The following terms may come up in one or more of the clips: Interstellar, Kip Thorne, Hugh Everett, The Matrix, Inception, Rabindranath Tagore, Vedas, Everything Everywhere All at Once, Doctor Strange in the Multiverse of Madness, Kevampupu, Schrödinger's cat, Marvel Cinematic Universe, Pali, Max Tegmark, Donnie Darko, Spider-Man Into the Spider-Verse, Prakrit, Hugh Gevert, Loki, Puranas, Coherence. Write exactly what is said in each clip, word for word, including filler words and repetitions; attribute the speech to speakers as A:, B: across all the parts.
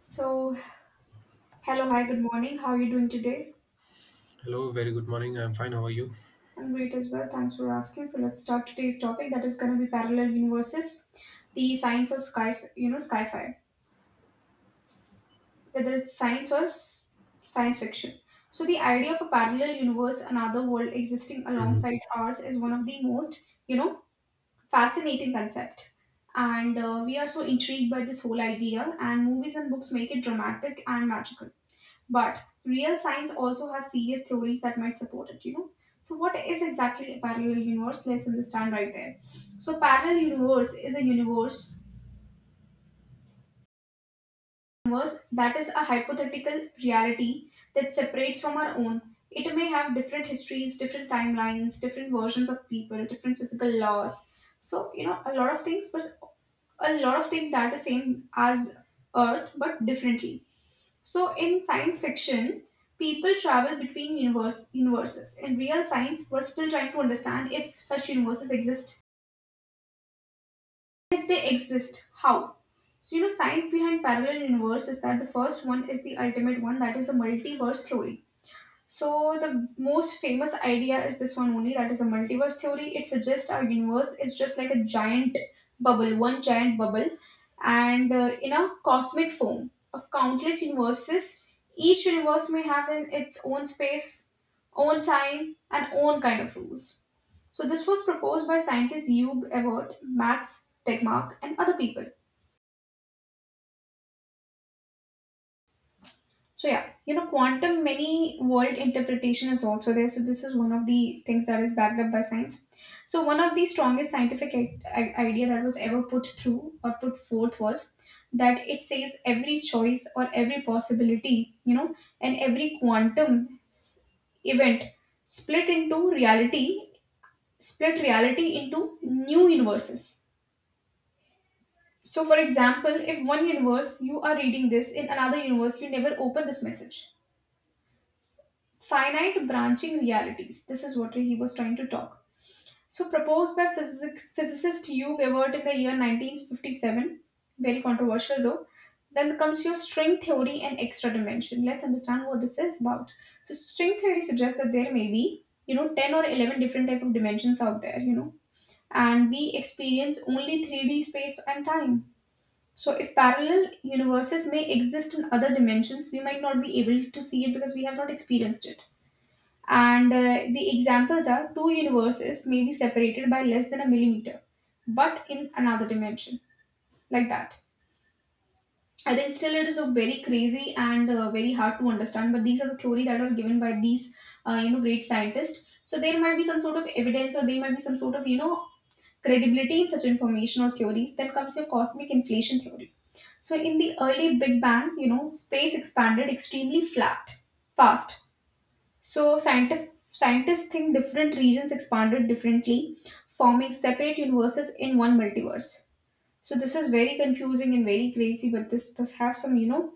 A: So, hello, hi, good morning. How are you doing today?
B: Hello, very good morning. I'm fine. How are you?
A: I'm great as well. Thanks for asking. So, let's start today's topic that is going to be parallel universes, the science of sky, you know, sci-fi, whether it's science or s- science fiction. So, the idea of a parallel universe, another world existing
B: Hmm.
A: alongside ours, is one of the most, you know, fascinating concept. And uh, we are so intrigued by this whole idea, and movies and books make it dramatic and magical. But real science also has serious theories that might support it, you know. So what is exactly a parallel universe? Let's understand right there. So parallel universe is a universe universe that is a hypothetical reality that separates from our own. It may have different histories, different timelines, different versions of people, different physical laws. So, you know, a lot of things, but a lot of things that are the same as Earth, but differently. So, in science fiction, people travel between universe, universes. In real science, we're still trying to understand if such universes exist. If they exist, how? So, you know, science behind parallel universe is that the first one is the ultimate one, that is the multiverse theory. So the most famous idea is this one only, that is the multiverse theory. It suggests our universe is just like a giant bubble, one giant bubble, and uh, in a cosmic foam of countless universes. Each universe may have in its own space, own time, and own kind of rules. So this was proposed by scientists Hugh Everett, Max Tegmark, and other people. So yeah, you know, quantum many world interpretation is also there. So this is one of the things that is backed up by science. So one of the strongest scientific i- i- idea that was ever put through or put forth was that it says every choice or every possibility, you know, and every quantum s- event split into reality, split reality into new universes. So for example, if one universe you are reading this, in another universe you never open this message finite branching realities. This is what he was trying to talk. So, proposed by physics, physicist Hugh Gevert in the year nineteen fifty-seven, very controversial though. Then comes your string theory and extra dimension. Let's understand what this is about. So, string theory suggests that there may be, you know, ten or eleven different type of dimensions out there, you know, and we experience only three D space and time. So, if parallel universes may exist in other dimensions, we might not be able to see it because we have not experienced it. And uh, the examples are two universes may be separated by less than a millimeter, but in another dimension, like that. I think still it is a very crazy and uh, very hard to understand, but these are the theory that are given by these uh, you know great scientists. So there might be some sort of evidence, or there might be some sort of you know credibility in such information or theories. Then comes your cosmic inflation theory. So in the early Big Bang, you know, space expanded extremely flat, fast, so scientific, scientists think different regions expanded differently, forming separate universes in one multiverse. So this is very confusing and very crazy, but this does have some, you know,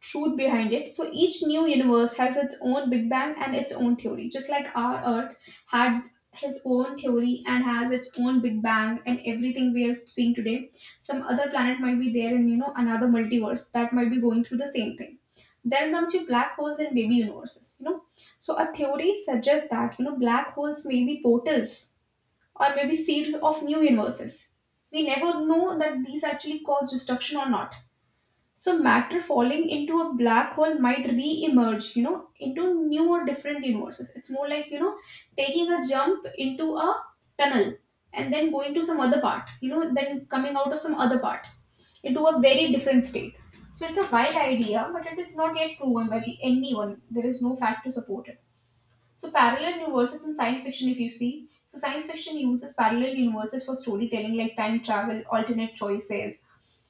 A: truth behind it. So each new universe has its own Big Bang and its own theory, just like our Earth had his own theory and has its own Big Bang and everything we are seeing today. Some other planet might be there in you know another multiverse that might be going through the same thing. Then comes your black holes and baby universes, you know. So a theory suggests that you know black holes may be portals or maybe seed of new universes. We never know that these actually cause destruction or not, so matter falling into a black hole might re-emerge, you know, into new or different universes. It's more like, you know, taking a jump into a tunnel and then going to some other part, you know, then coming out of some other part into a very different state. So it's a wild idea, but it is not yet proven by the- anyone. There is no fact to support it. So parallel universes in science fiction, if you see, so science fiction uses parallel universes for storytelling, like time travel, alternate choices,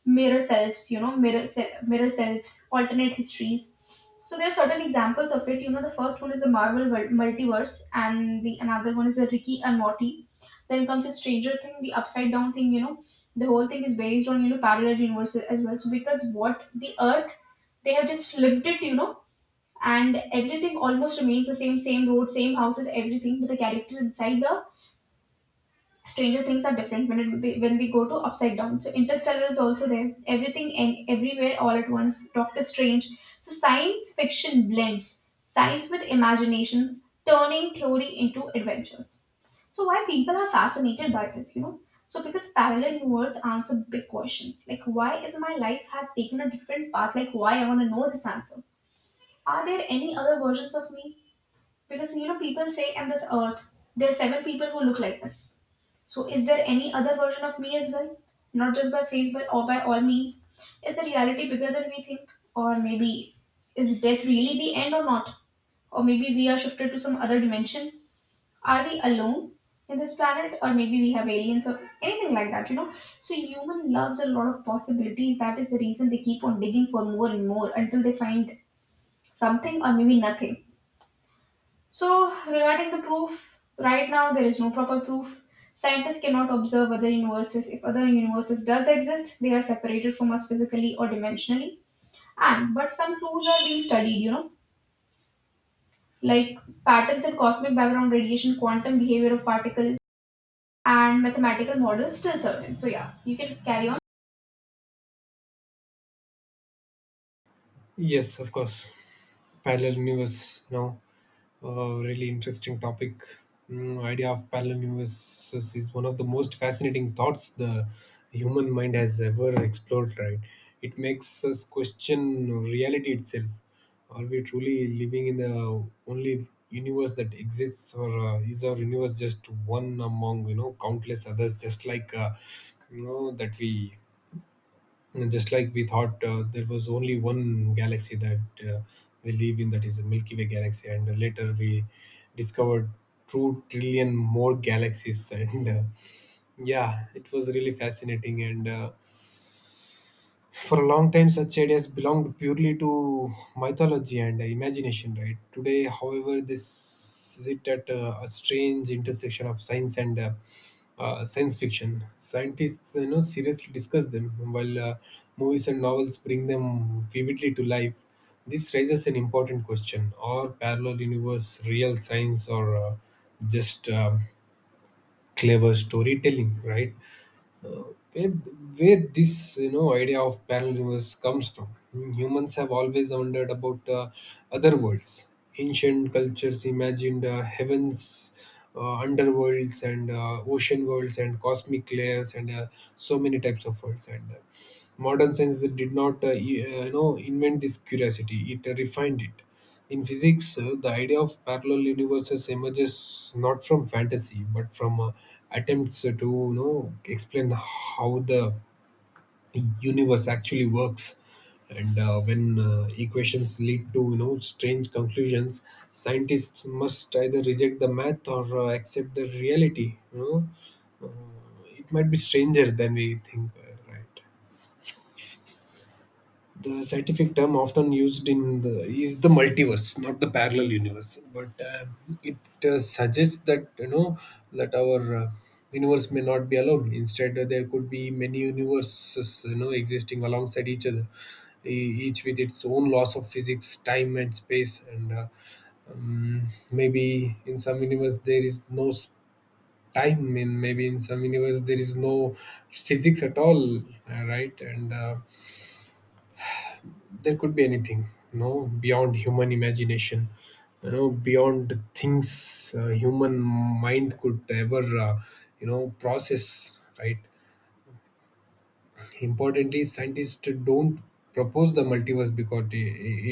A: mirror selves, you know, mirror se- mirror selves, alternate histories. So there are certain examples of it. You know, the first one is the Marvel Mul- multiverse, and the another one is the Ricky and Morty. Then comes the Stranger Thing, the Upside Down thing. You know, the whole thing is based on you know parallel universes as well. So because what the Earth, they have just flipped it. You know, and everything almost remains the same, same road, same houses, everything, but the character inside the stranger things are different when it, they, when they go to upside down. So interstellar is also there, everything and everywhere all at once, doctor strange. So science fiction blends science with imaginations, turning theory into adventures. So why people are fascinated by this, you know, so because parallel universe answer big questions like why is my life had taken a different path, like why I want to know this answer. Are there any other versions of me? Because you know, people say on this earth there are seven people who look like us. So is there any other version of me as well? Not just by face, but or by all means. Is the reality bigger than we think? Or maybe is death really the end or not? Or maybe we are shifted to some other dimension. Are we alone in this planet? Or maybe we have aliens or anything like that, you know? So human loves a lot of possibilities. That is the reason they keep on digging for more and more until they find something or maybe nothing. So, regarding the proof, right now there is no proper proof. Scientists cannot observe other universes. If other universes does exist, they are separated from us physically or dimensionally. And but some clues are being studied, you know, like patterns in cosmic background radiation, quantum behavior of particle, and mathematical models still certain. So yeah, you can carry on.
B: Yes, of course. Parallel universe, now, uh, really interesting topic. Mm, idea of parallel universes is one of the most fascinating thoughts the human mind has ever explored. Right? It makes us question reality itself. Are we truly living in the only universe that exists, or uh, is our universe just one among you know countless others? Just like uh, you know that we And just like we thought uh, there was only one galaxy that uh, we live in, that is the Milky Way galaxy, and uh, later we discovered two trillion more galaxies. And uh, yeah, it was really fascinating. And uh, for a long time, such ideas belonged purely to mythology and imagination, right? Today, however, this sit at a, a strange intersection of science and uh, uh, science fiction. Scientists, you know, seriously discuss them, while uh, movies and novels bring them vividly to life. This raises an important question: are parallel universe real science or uh, just um clever storytelling? Right? where, where this you know idea of parallel universe comes from. Humans have always wondered about uh, other worlds. Ancient cultures imagined uh, heavens, uh, underworlds, and uh, ocean worlds, and cosmic layers, and uh, so many types of worlds. And uh, modern science did not uh, e- uh, you know invent this curiosity. It uh, refined it in physics. Uh, the idea of parallel universes emerges not from fantasy but from uh, attempts to you know explain how the universe actually works. And uh, when uh, equations lead to you know strange conclusions, scientists must either reject the math or uh, accept the reality. You know uh, it might be stranger than we think, uh, right? The scientific term often used in the is the multiverse, not the parallel universe, but uh, it uh, suggests that you know that our uh, universe may not be alone. Instead, uh, there could be many universes, you know existing alongside each other, e- each with its own laws of physics, time, and space. And uh, um, maybe in some universe there is no s- time, and maybe in some universe there is no physics at all, uh, right? And uh, there could be anything you know beyond human imagination, you know beyond the things uh, human mind could ever uh, you know process, right? Importantly, scientists don't propose the multiverse because it,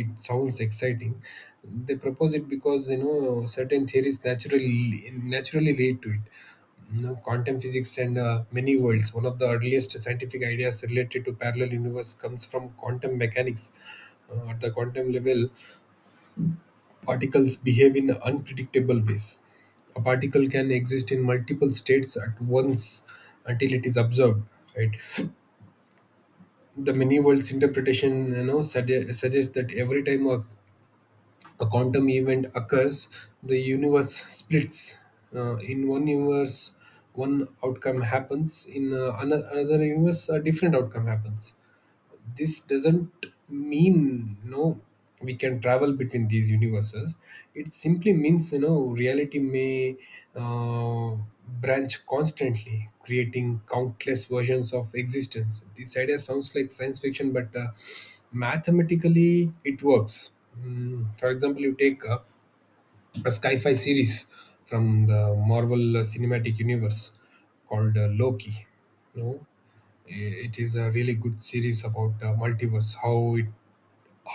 B: it sounds exciting. They propose it because you know certain theories naturally naturally lead to it. You know, quantum physics and uh, many worlds. One of the earliest scientific ideas related to parallel universe comes from quantum mechanics. Uh, at the quantum level, particles behave in unpredictable ways. A particle can exist in multiple states at once until it is observed. Right? the many worlds interpretation you know sugge- suggests that every time a, a quantum event occurs, the universe splits. Uh, in one universe, one outcome happens; in uh, ano- another universe, a different outcome happens. This doesn't mean you know we can travel between these universes. It simply means you know reality may uh, branch constantly, creating countless versions of existence. This idea sounds like science fiction, but uh, mathematically it works. Mm, for example, you take uh, a sci-fi series from the Marvel Cinematic Universe called uh, Loki. You know, i- it is a really good series about uh, multiverse, how it—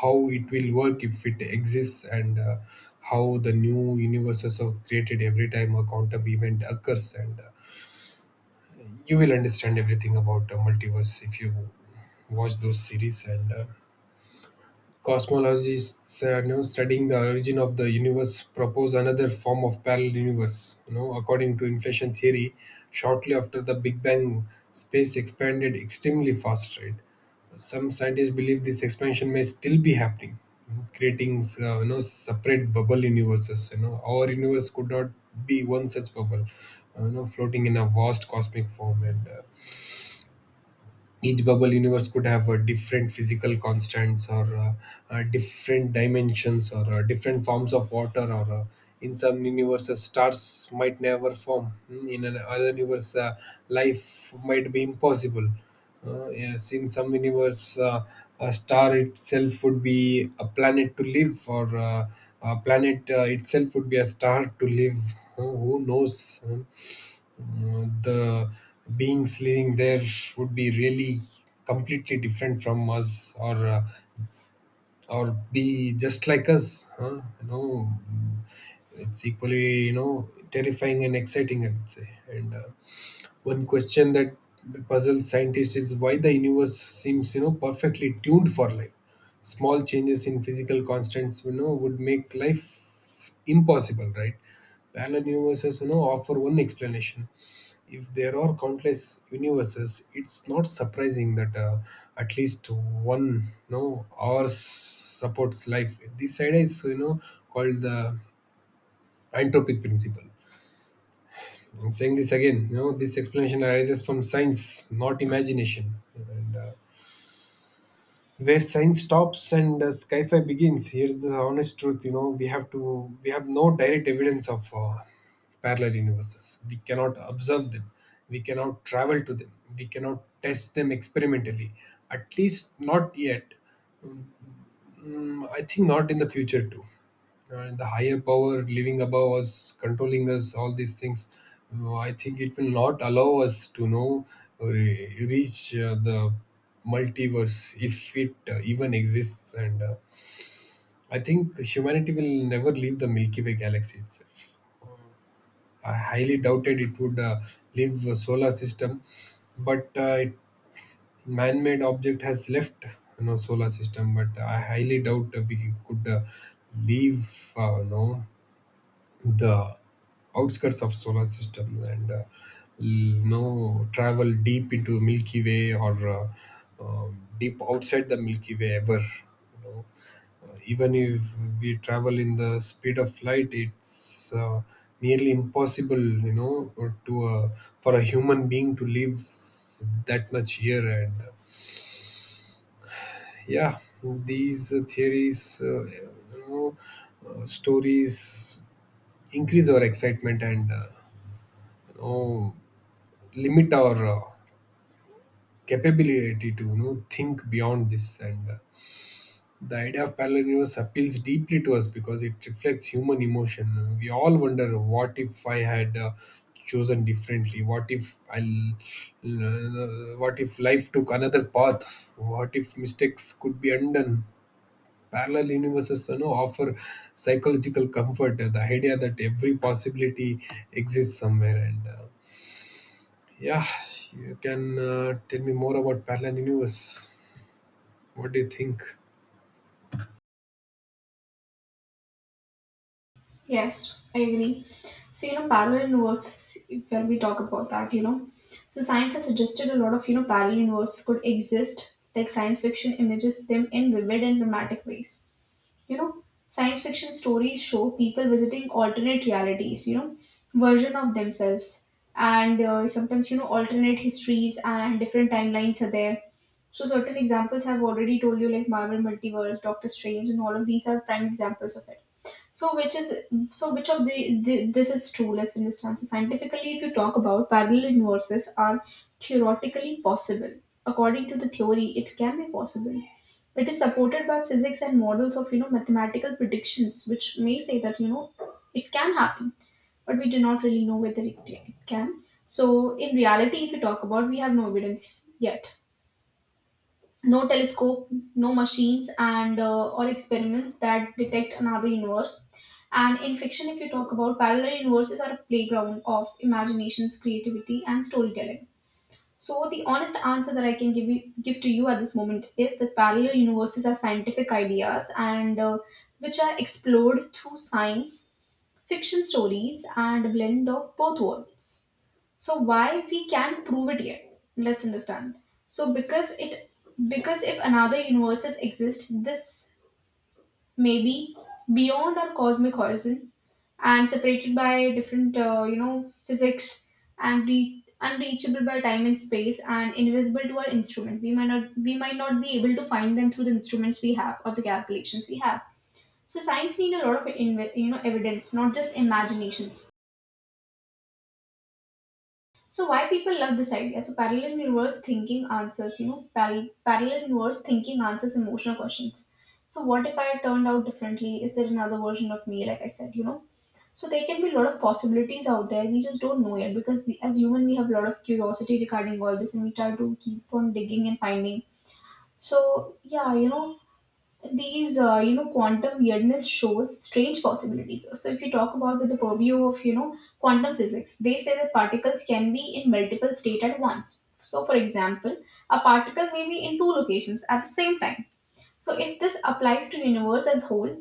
B: how it will work if it exists, and uh, how the new universes are created every time a quantum event occurs. And uh, you will understand everything about uh, multiverse if you watch those series. And uh, cosmologists, uh, you know, studying the origin of the universe propose another form of parallel universe, you know according to inflation theory. Shortly after the big bang, space expanded extremely fast, right? Some scientists believe this expansion may still be happening, creating uh, you know separate bubble universes. You know, our universe could not be one such bubble, uh, you know floating in a vast cosmic form. And uh, each bubble universe could have uh, different physical constants, or uh, uh, different dimensions, or uh, different forms of water, or uh, in some universes stars might never form. Mm, in another universe uh, life might be impossible. Uh, yes, in some universe uh, a star itself would be a planet to live, or uh, a planet uh, itself would be a star to live. Who who knows? Hmm. Mm, the beings living there would be really completely different from us, or uh, or be just like us, huh? You know it's equally you know terrifying and exciting, I would say. And uh, one question that puzzles scientists is why the universe seems, you know, perfectly tuned for life. Small changes in physical constants, you know, would make life impossible, right? Parallel universes, you know, offer one explanation. If there are countless universes, it's not surprising that uh, at least one, you know, ours supports life. This idea is, you know, called the entropic principle. I'm saying this again. You know, this explanation arises from science, not imagination. And uh, where science stops and uh, sci-fi begins, here's the honest truth. You know, we have to we have no direct evidence of uh, parallel universes. We cannot observe them. We cannot travel to them. We cannot test them experimentally. At least not yet. Mm, I think not in the future too. And the higher power living above us, controlling us, all these things. uh, I think it will not allow us to know or re- reach uh, the multiverse, if it uh, even exists. And uh, I think humanity will never leave the Milky Way galaxy itself. I highly doubted it would uh, leave the solar system, but uh, it man-made object has left you know solar system. But I highly doubt we could uh, leave uh, you know the outskirts of solar system, and uh, you know travel deep into Milky Way, or uh, um, deep outside the Milky Way ever, you know uh, even if we travel in the speed of light. It's uh, nearly impossible, you know or to uh, for a human being to live that much here. And uh, yeah, these uh, theories, uh, you know uh, stories increase our excitement, and uh, you know limit our uh, capability to you know think beyond this. And uh, the idea of parallel universe appeals deeply to us because it reflects human emotion. We all wonder what if I had uh, chosen differently, what if I— what if life took another path, what if mistakes could be undone. Parallel universes you know offer psychological comfort, uh, the idea that every possibility exists somewhere. And uh, yeah, you can uh, tell me more about parallel universe. What do you think?
A: Yes, I agree. So, you know, parallel universes, when we talk about that, you know, so science has suggested a lot of, you know, parallel universes could exist, like science fiction images them in vivid and dramatic ways. You know, science fiction stories show people visiting alternate realities, you know, version of themselves. And uh, sometimes, you know, alternate histories and different timelines are there. So, certain examples I've already told you, like Marvel Multiverse, Doctor Strange, and all of these are prime examples of it. So which is, so which of the, the this is true? Let's understand. So scientifically, if you talk about, parallel universes are theoretically possible. According to the theory, it can be possible. It is supported by physics and models of you know mathematical predictions, which may say that you know it can happen, but we do not really know whether it, it can. So in reality, if you talk about, we have no evidence yet, no telescope, no machines, and uh, or experiments that detect another universe. And in fiction, if you talk about parallel universes, are a playground of imaginations, creativity, and storytelling. So the honest answer that I can give you, give to you at this moment is that parallel universes are scientific ideas and uh, which are explored through science, fiction stories, and a blend of both worlds. So why we can't prove it yet, let's understand. So because it, because if another universes exist, this may be beyond our cosmic horizon and separated by different uh, you know physics and re- unreachable by time and space and invisible to our instrument. We might not we might not be able to find them through the instruments we have or the calculations we have. So science need a lot of inve- you know evidence, not just imaginations. So why people love this idea? So parallel universe thinking answers, you know, pal- parallel universe thinking answers emotional questions. So what if I turned out differently? Is there another version of me? Like I said, you know. So there can be a lot of possibilities out there. We just don't know yet because we, as human we have a lot of curiosity regarding all this, and we try to keep on digging and finding. So yeah, you know, these uh, you know quantum weirdness shows strange possibilities. So if you talk about with the purview of you know quantum physics, they say that particles can be in multiple state at once. So for example, a particle may be in two locations at the same time. So if this applies to universe as whole,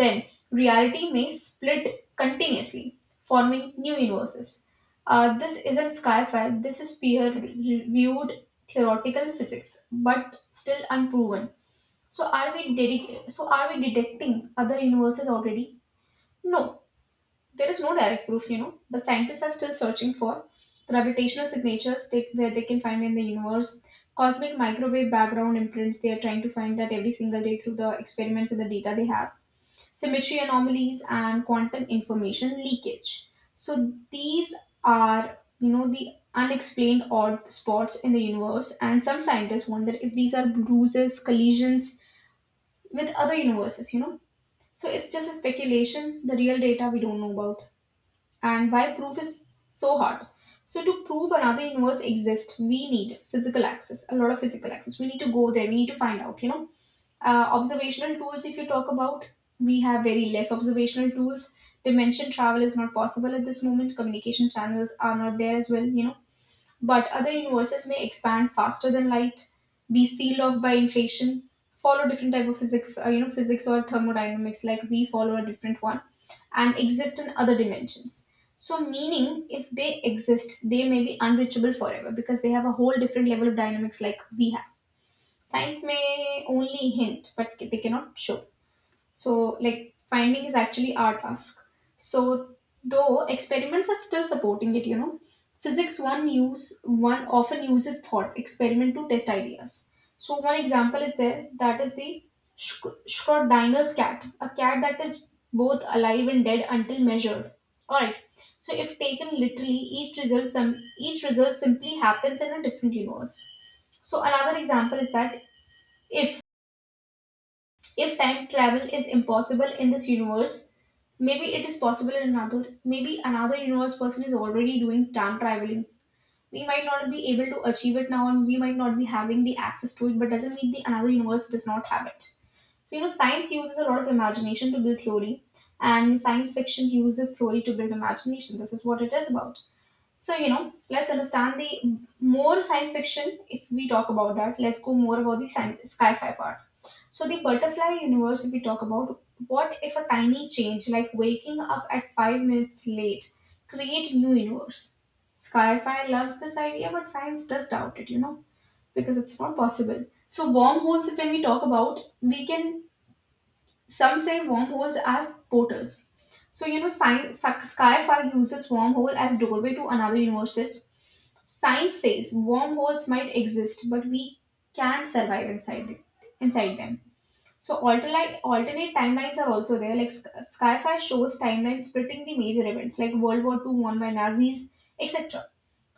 A: then reality may split continuously, forming new universes. Uh, this isn't sci-fi, this is peer-reviewed theoretical physics but still unproven. So are we dedic- so are we detecting other universes already? No, there is no direct proof, you know. The scientists are still searching for gravitational signatures they, where they can find in the universe, cosmic microwave background imprints. They are trying to find that every single day through the experiments and the data they have, symmetry anomalies and quantum information leakage. So these are, you know, the unexplained odd spots in the universe, and some scientists wonder if these are bruises, collisions with other universes, you know. So it's just a speculation, the real data we don't know about, and why proof is so hard. So to prove another universe exists, we need physical access, a lot of physical access. We need to go there, we need to find out, you know. Uh, observational tools, if you talk about, we have very less observational tools. Dimension travel is not possible at this moment. Communication channels are not there as well, you know but other universes may expand faster than light, be sealed off by inflation, follow different type of physics, uh, you know, physics or thermodynamics, like we follow a different one, and exist in other dimensions. So, meaning, if they exist, they may be unreachable forever because they have a whole different level of dynamics like we have. Science may only hint, but they cannot show. So, like, finding is actually our task. So, though experiments are still supporting it, you know, physics one use one often uses thought experiment to test ideas. So, one example is there, that is the Sch- Schrodinger's cat, a cat that is both alive and dead until measured. All right. So, if taken literally, each result some each result simply happens in a different universe. So, another example is that if if time travel is impossible in this universe, maybe it is possible in another. Maybe another universe person is already doing time traveling. We might not be able to achieve it now, and we might not be having the access to it, but doesn't mean the another universe does not have it. So, you know, science uses a lot of imagination to build theory, and science fiction uses theory to build imagination. This is what it is about. So, you know, let's understand the more science fiction if we talk about that. Let's go more about the sci fi part. So, the butterfly universe, if we talk about, what if a tiny change like waking up at five minutes late create new universe? Skyfire loves this idea, but science does doubt it, you know, because it's not possible. So, wormholes, if when we talk about, we can some say wormholes as portals. So, you know, science, Skyfire uses wormhole as doorway to another universes. Science says wormholes might exist, but we can't survive inside it, inside them. So alternate alternate timelines are also there. Like Sk- Skyfire shows timelines splitting the major events, like World War Two won by Nazis, et cetera.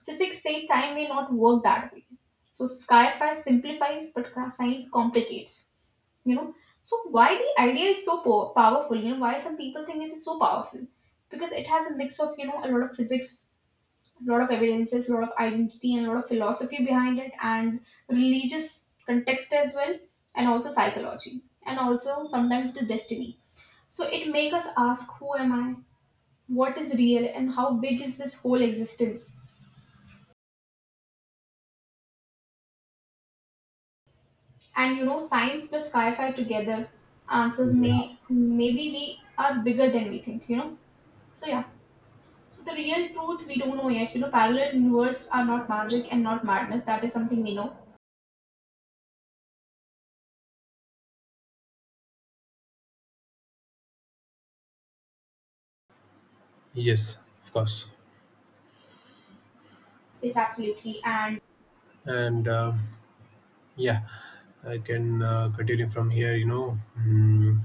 A: Physics say time may not work that way. So Skyfire simplifies, but ca- science complicates. You know. So why the idea is so po- powerful? You know why some people think it is so powerful? Because it has a mix of you know a lot of physics, a lot of evidences, a lot of identity, and a lot of philosophy behind it, and religious context as well, and also psychology, and also sometimes the destiny. So it make us ask, who am I? What is real, and how big is this whole existence? And you know, science plus sci-fi together answers
B: Yeah.
A: may maybe we are bigger than we think. You know. So yeah. So the real truth we don't know yet. You know, parallel universe are not magic and not madness. That is something we know.
B: Yes, of course.
A: Yes, absolutely. And
B: And um— yeah, I can uh, continue from here. You know, mm,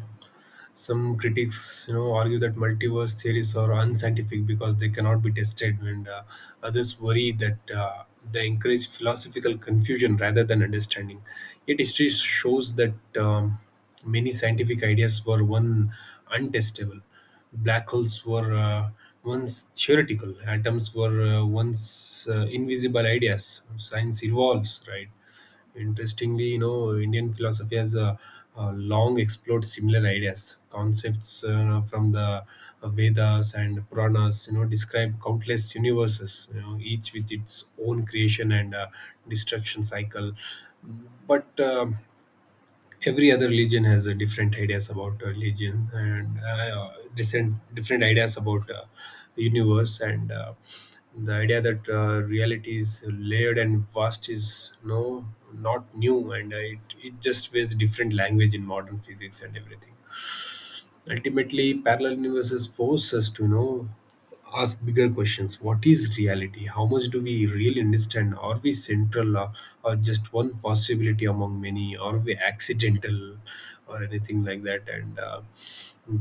B: some critics, you know, argue that multiverse theories are unscientific because they cannot be tested, and uh, others worry that uh, they encourage philosophical confusion rather than understanding. Yet history shows that um, many scientific ideas were one untestable. Black holes were uh, once theoretical. Atoms were uh, once uh, invisible ideas. Science evolves, right? Interestingly, you know, Indian philosophy has uh, uh, long explored similar ideas. Concepts uh, from the uh, Vedas and Puranas, you know, describe countless universes, you know, each with its own creation and uh, destruction cycle. But um every other religion has a different ideas about uh, religion, and uh, different different ideas about uh, universe, and uh, the idea that uh, reality is layered and vast is no— not new. And uh, it, it just wears different language in modern physics and everything. Ultimately, parallel universes force us to you know ask bigger questions. What is reality? How much do we really understand? Are we central, or— or just one possibility among many? Are we accidental, or anything like that? And uh,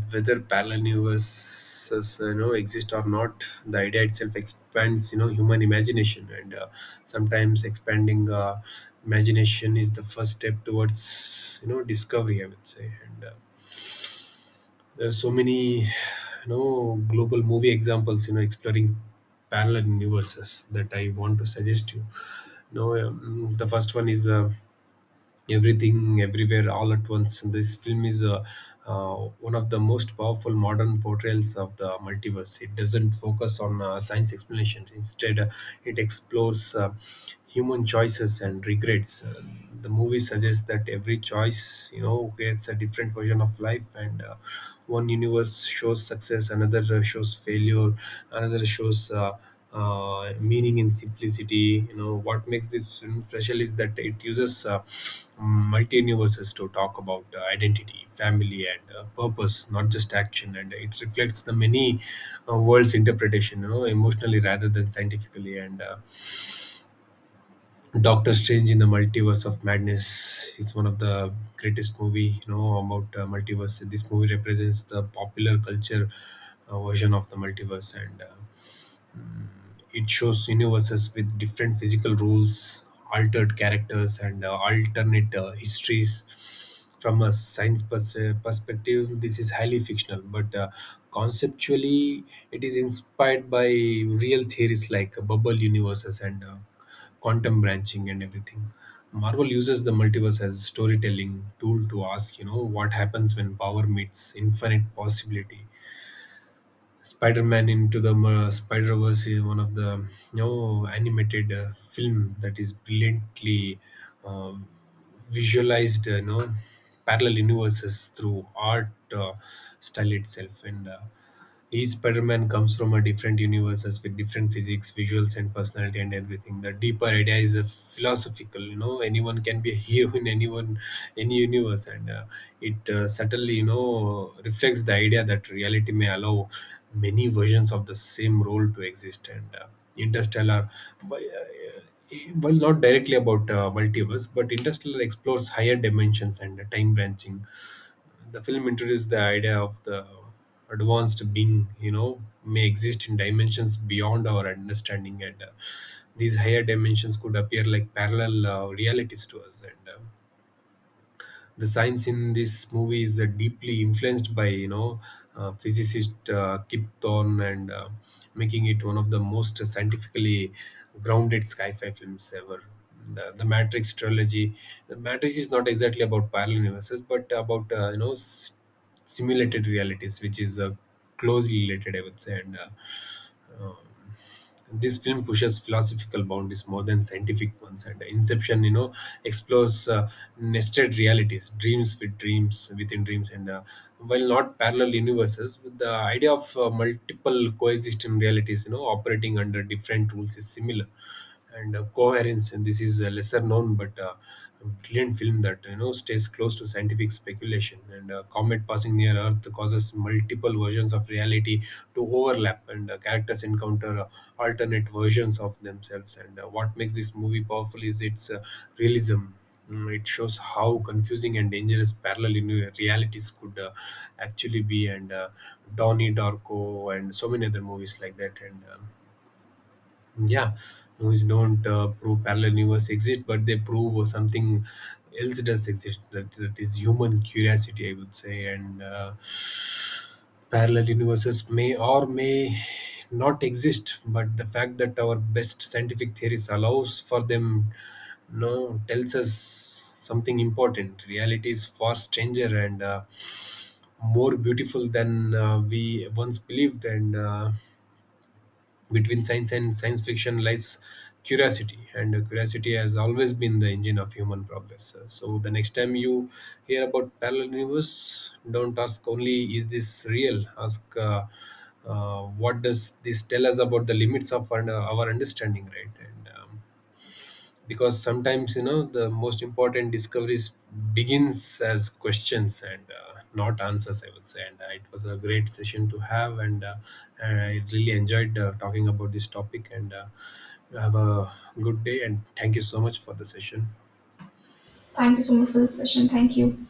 B: whether parallel universes you know exist or not, the idea itself expands you know human imagination. And uh, sometimes expanding uh, imagination is the first step towards you know discovery. I would say. And uh, There's so many you know global movie examples, you know exploring parallel universes, that I want to suggest you. You know um, The first one is uh, Everything Everywhere All at Once, and this film is uh, uh, one of the most powerful modern portrayals of the multiverse. It doesn't focus on uh, science explanations. Instead, uh, it explores uh, human choices and regrets. Uh, the movie suggests that every choice, you know creates a different version of life, and uh, one universe shows success, another uh, shows failure, another shows uh, uh, meaning in simplicity. You know what makes this film special is that it uses uh, multi universes to talk about uh, identity, family, and uh, purpose, not just action, and it reflects the many uh, worlds interpretation, you know emotionally rather than scientifically. And uh, Doctor Strange in the Multiverse of Madness. It's one of the greatest movie you know about uh, multiverse. This movie represents the popular culture uh, version of the multiverse, and uh, mm, it shows universes with different physical rules, altered characters, and uh, alternate uh, histories. From a science pers- perspective, this is highly fictional, but uh, conceptually, it is inspired by real theories like bubble universes and uh, quantum branching and everything. Marvel uses the multiverse as a storytelling tool to ask, you know, what happens when power meets infinite possibility. Spider-Man into the uh, Spider-Verse is one of the you know animated uh, film that is brilliantly uh, visualized, uh, you know, parallel universes through art uh, style itself. And. Uh, each Spider-Man comes from a different universes with different physics, visuals, and personality, and everything. The deeper idea is a philosophical. You know, anyone can be a hero in anyone, any universe, and uh, it uh, certainly you know reflects the idea that reality may allow many versions of the same role to exist. And uh, Interstellar, why, uh, well, not directly about uh, multiverse, but Interstellar explores higher dimensions and time branching. The film introduced the idea of the advanced being, you know may exist in dimensions beyond our understanding, and uh, these higher dimensions could appear like parallel uh, realities to us. And uh, The science in this movie is uh, deeply influenced by, you know uh, physicist uh, Kip Thorne, and uh, making it one of the most scientifically grounded sci-fi films ever. The, the Matrix trilogy. The Matrix is not exactly about parallel universes, but about, uh, you know, s- simulated realities, which is uh, closely related, I would say. And uh, um, this film pushes philosophical boundaries more than scientific ones. And Inception, you know explores uh, nested realities, dreams with dreams within dreams, and uh, while not parallel universes, with the idea of uh, multiple coexisting realities, you know operating under different rules, is similar. And uh, Coherence, and this is a lesser known but uh, brilliant film that, you know stays close to scientific speculation. And a comet passing near earth causes multiple versions of reality to overlap, and uh, characters encounter uh, alternate versions of themselves, and uh, what makes this movie powerful is its uh, realism. Mm, it shows how confusing and dangerous parallel uni- realities could uh, actually be. And uh, Donnie Darko and so many other movies like that. And um, Yeah, movies don't uh, prove parallel universe exist, but they prove uh, something else does exist. That, that is human curiosity, I would say. And uh, Parallel universes may or may not exist, but the fact that our best scientific theories allows for them, no, tells us something important. Reality is far stranger and uh, more beautiful than uh, we once believed, and. Uh, between science and science fiction lies curiosity, and curiosity has always been the engine of human progress. Uh, So, the next time you hear about parallel universe, don't ask only, is this real? Ask, uh, uh, what does this tell us about the limits of our, our understanding, right? And um, Because sometimes, you know the most important discoveries begins as questions, and uh, not answers, I would say. And uh, It was a great session to have, and, uh, and I really enjoyed uh, talking about this topic, and uh, have a good day, and thank you so much for the session.
A: Thank you so much for the session. Thank you.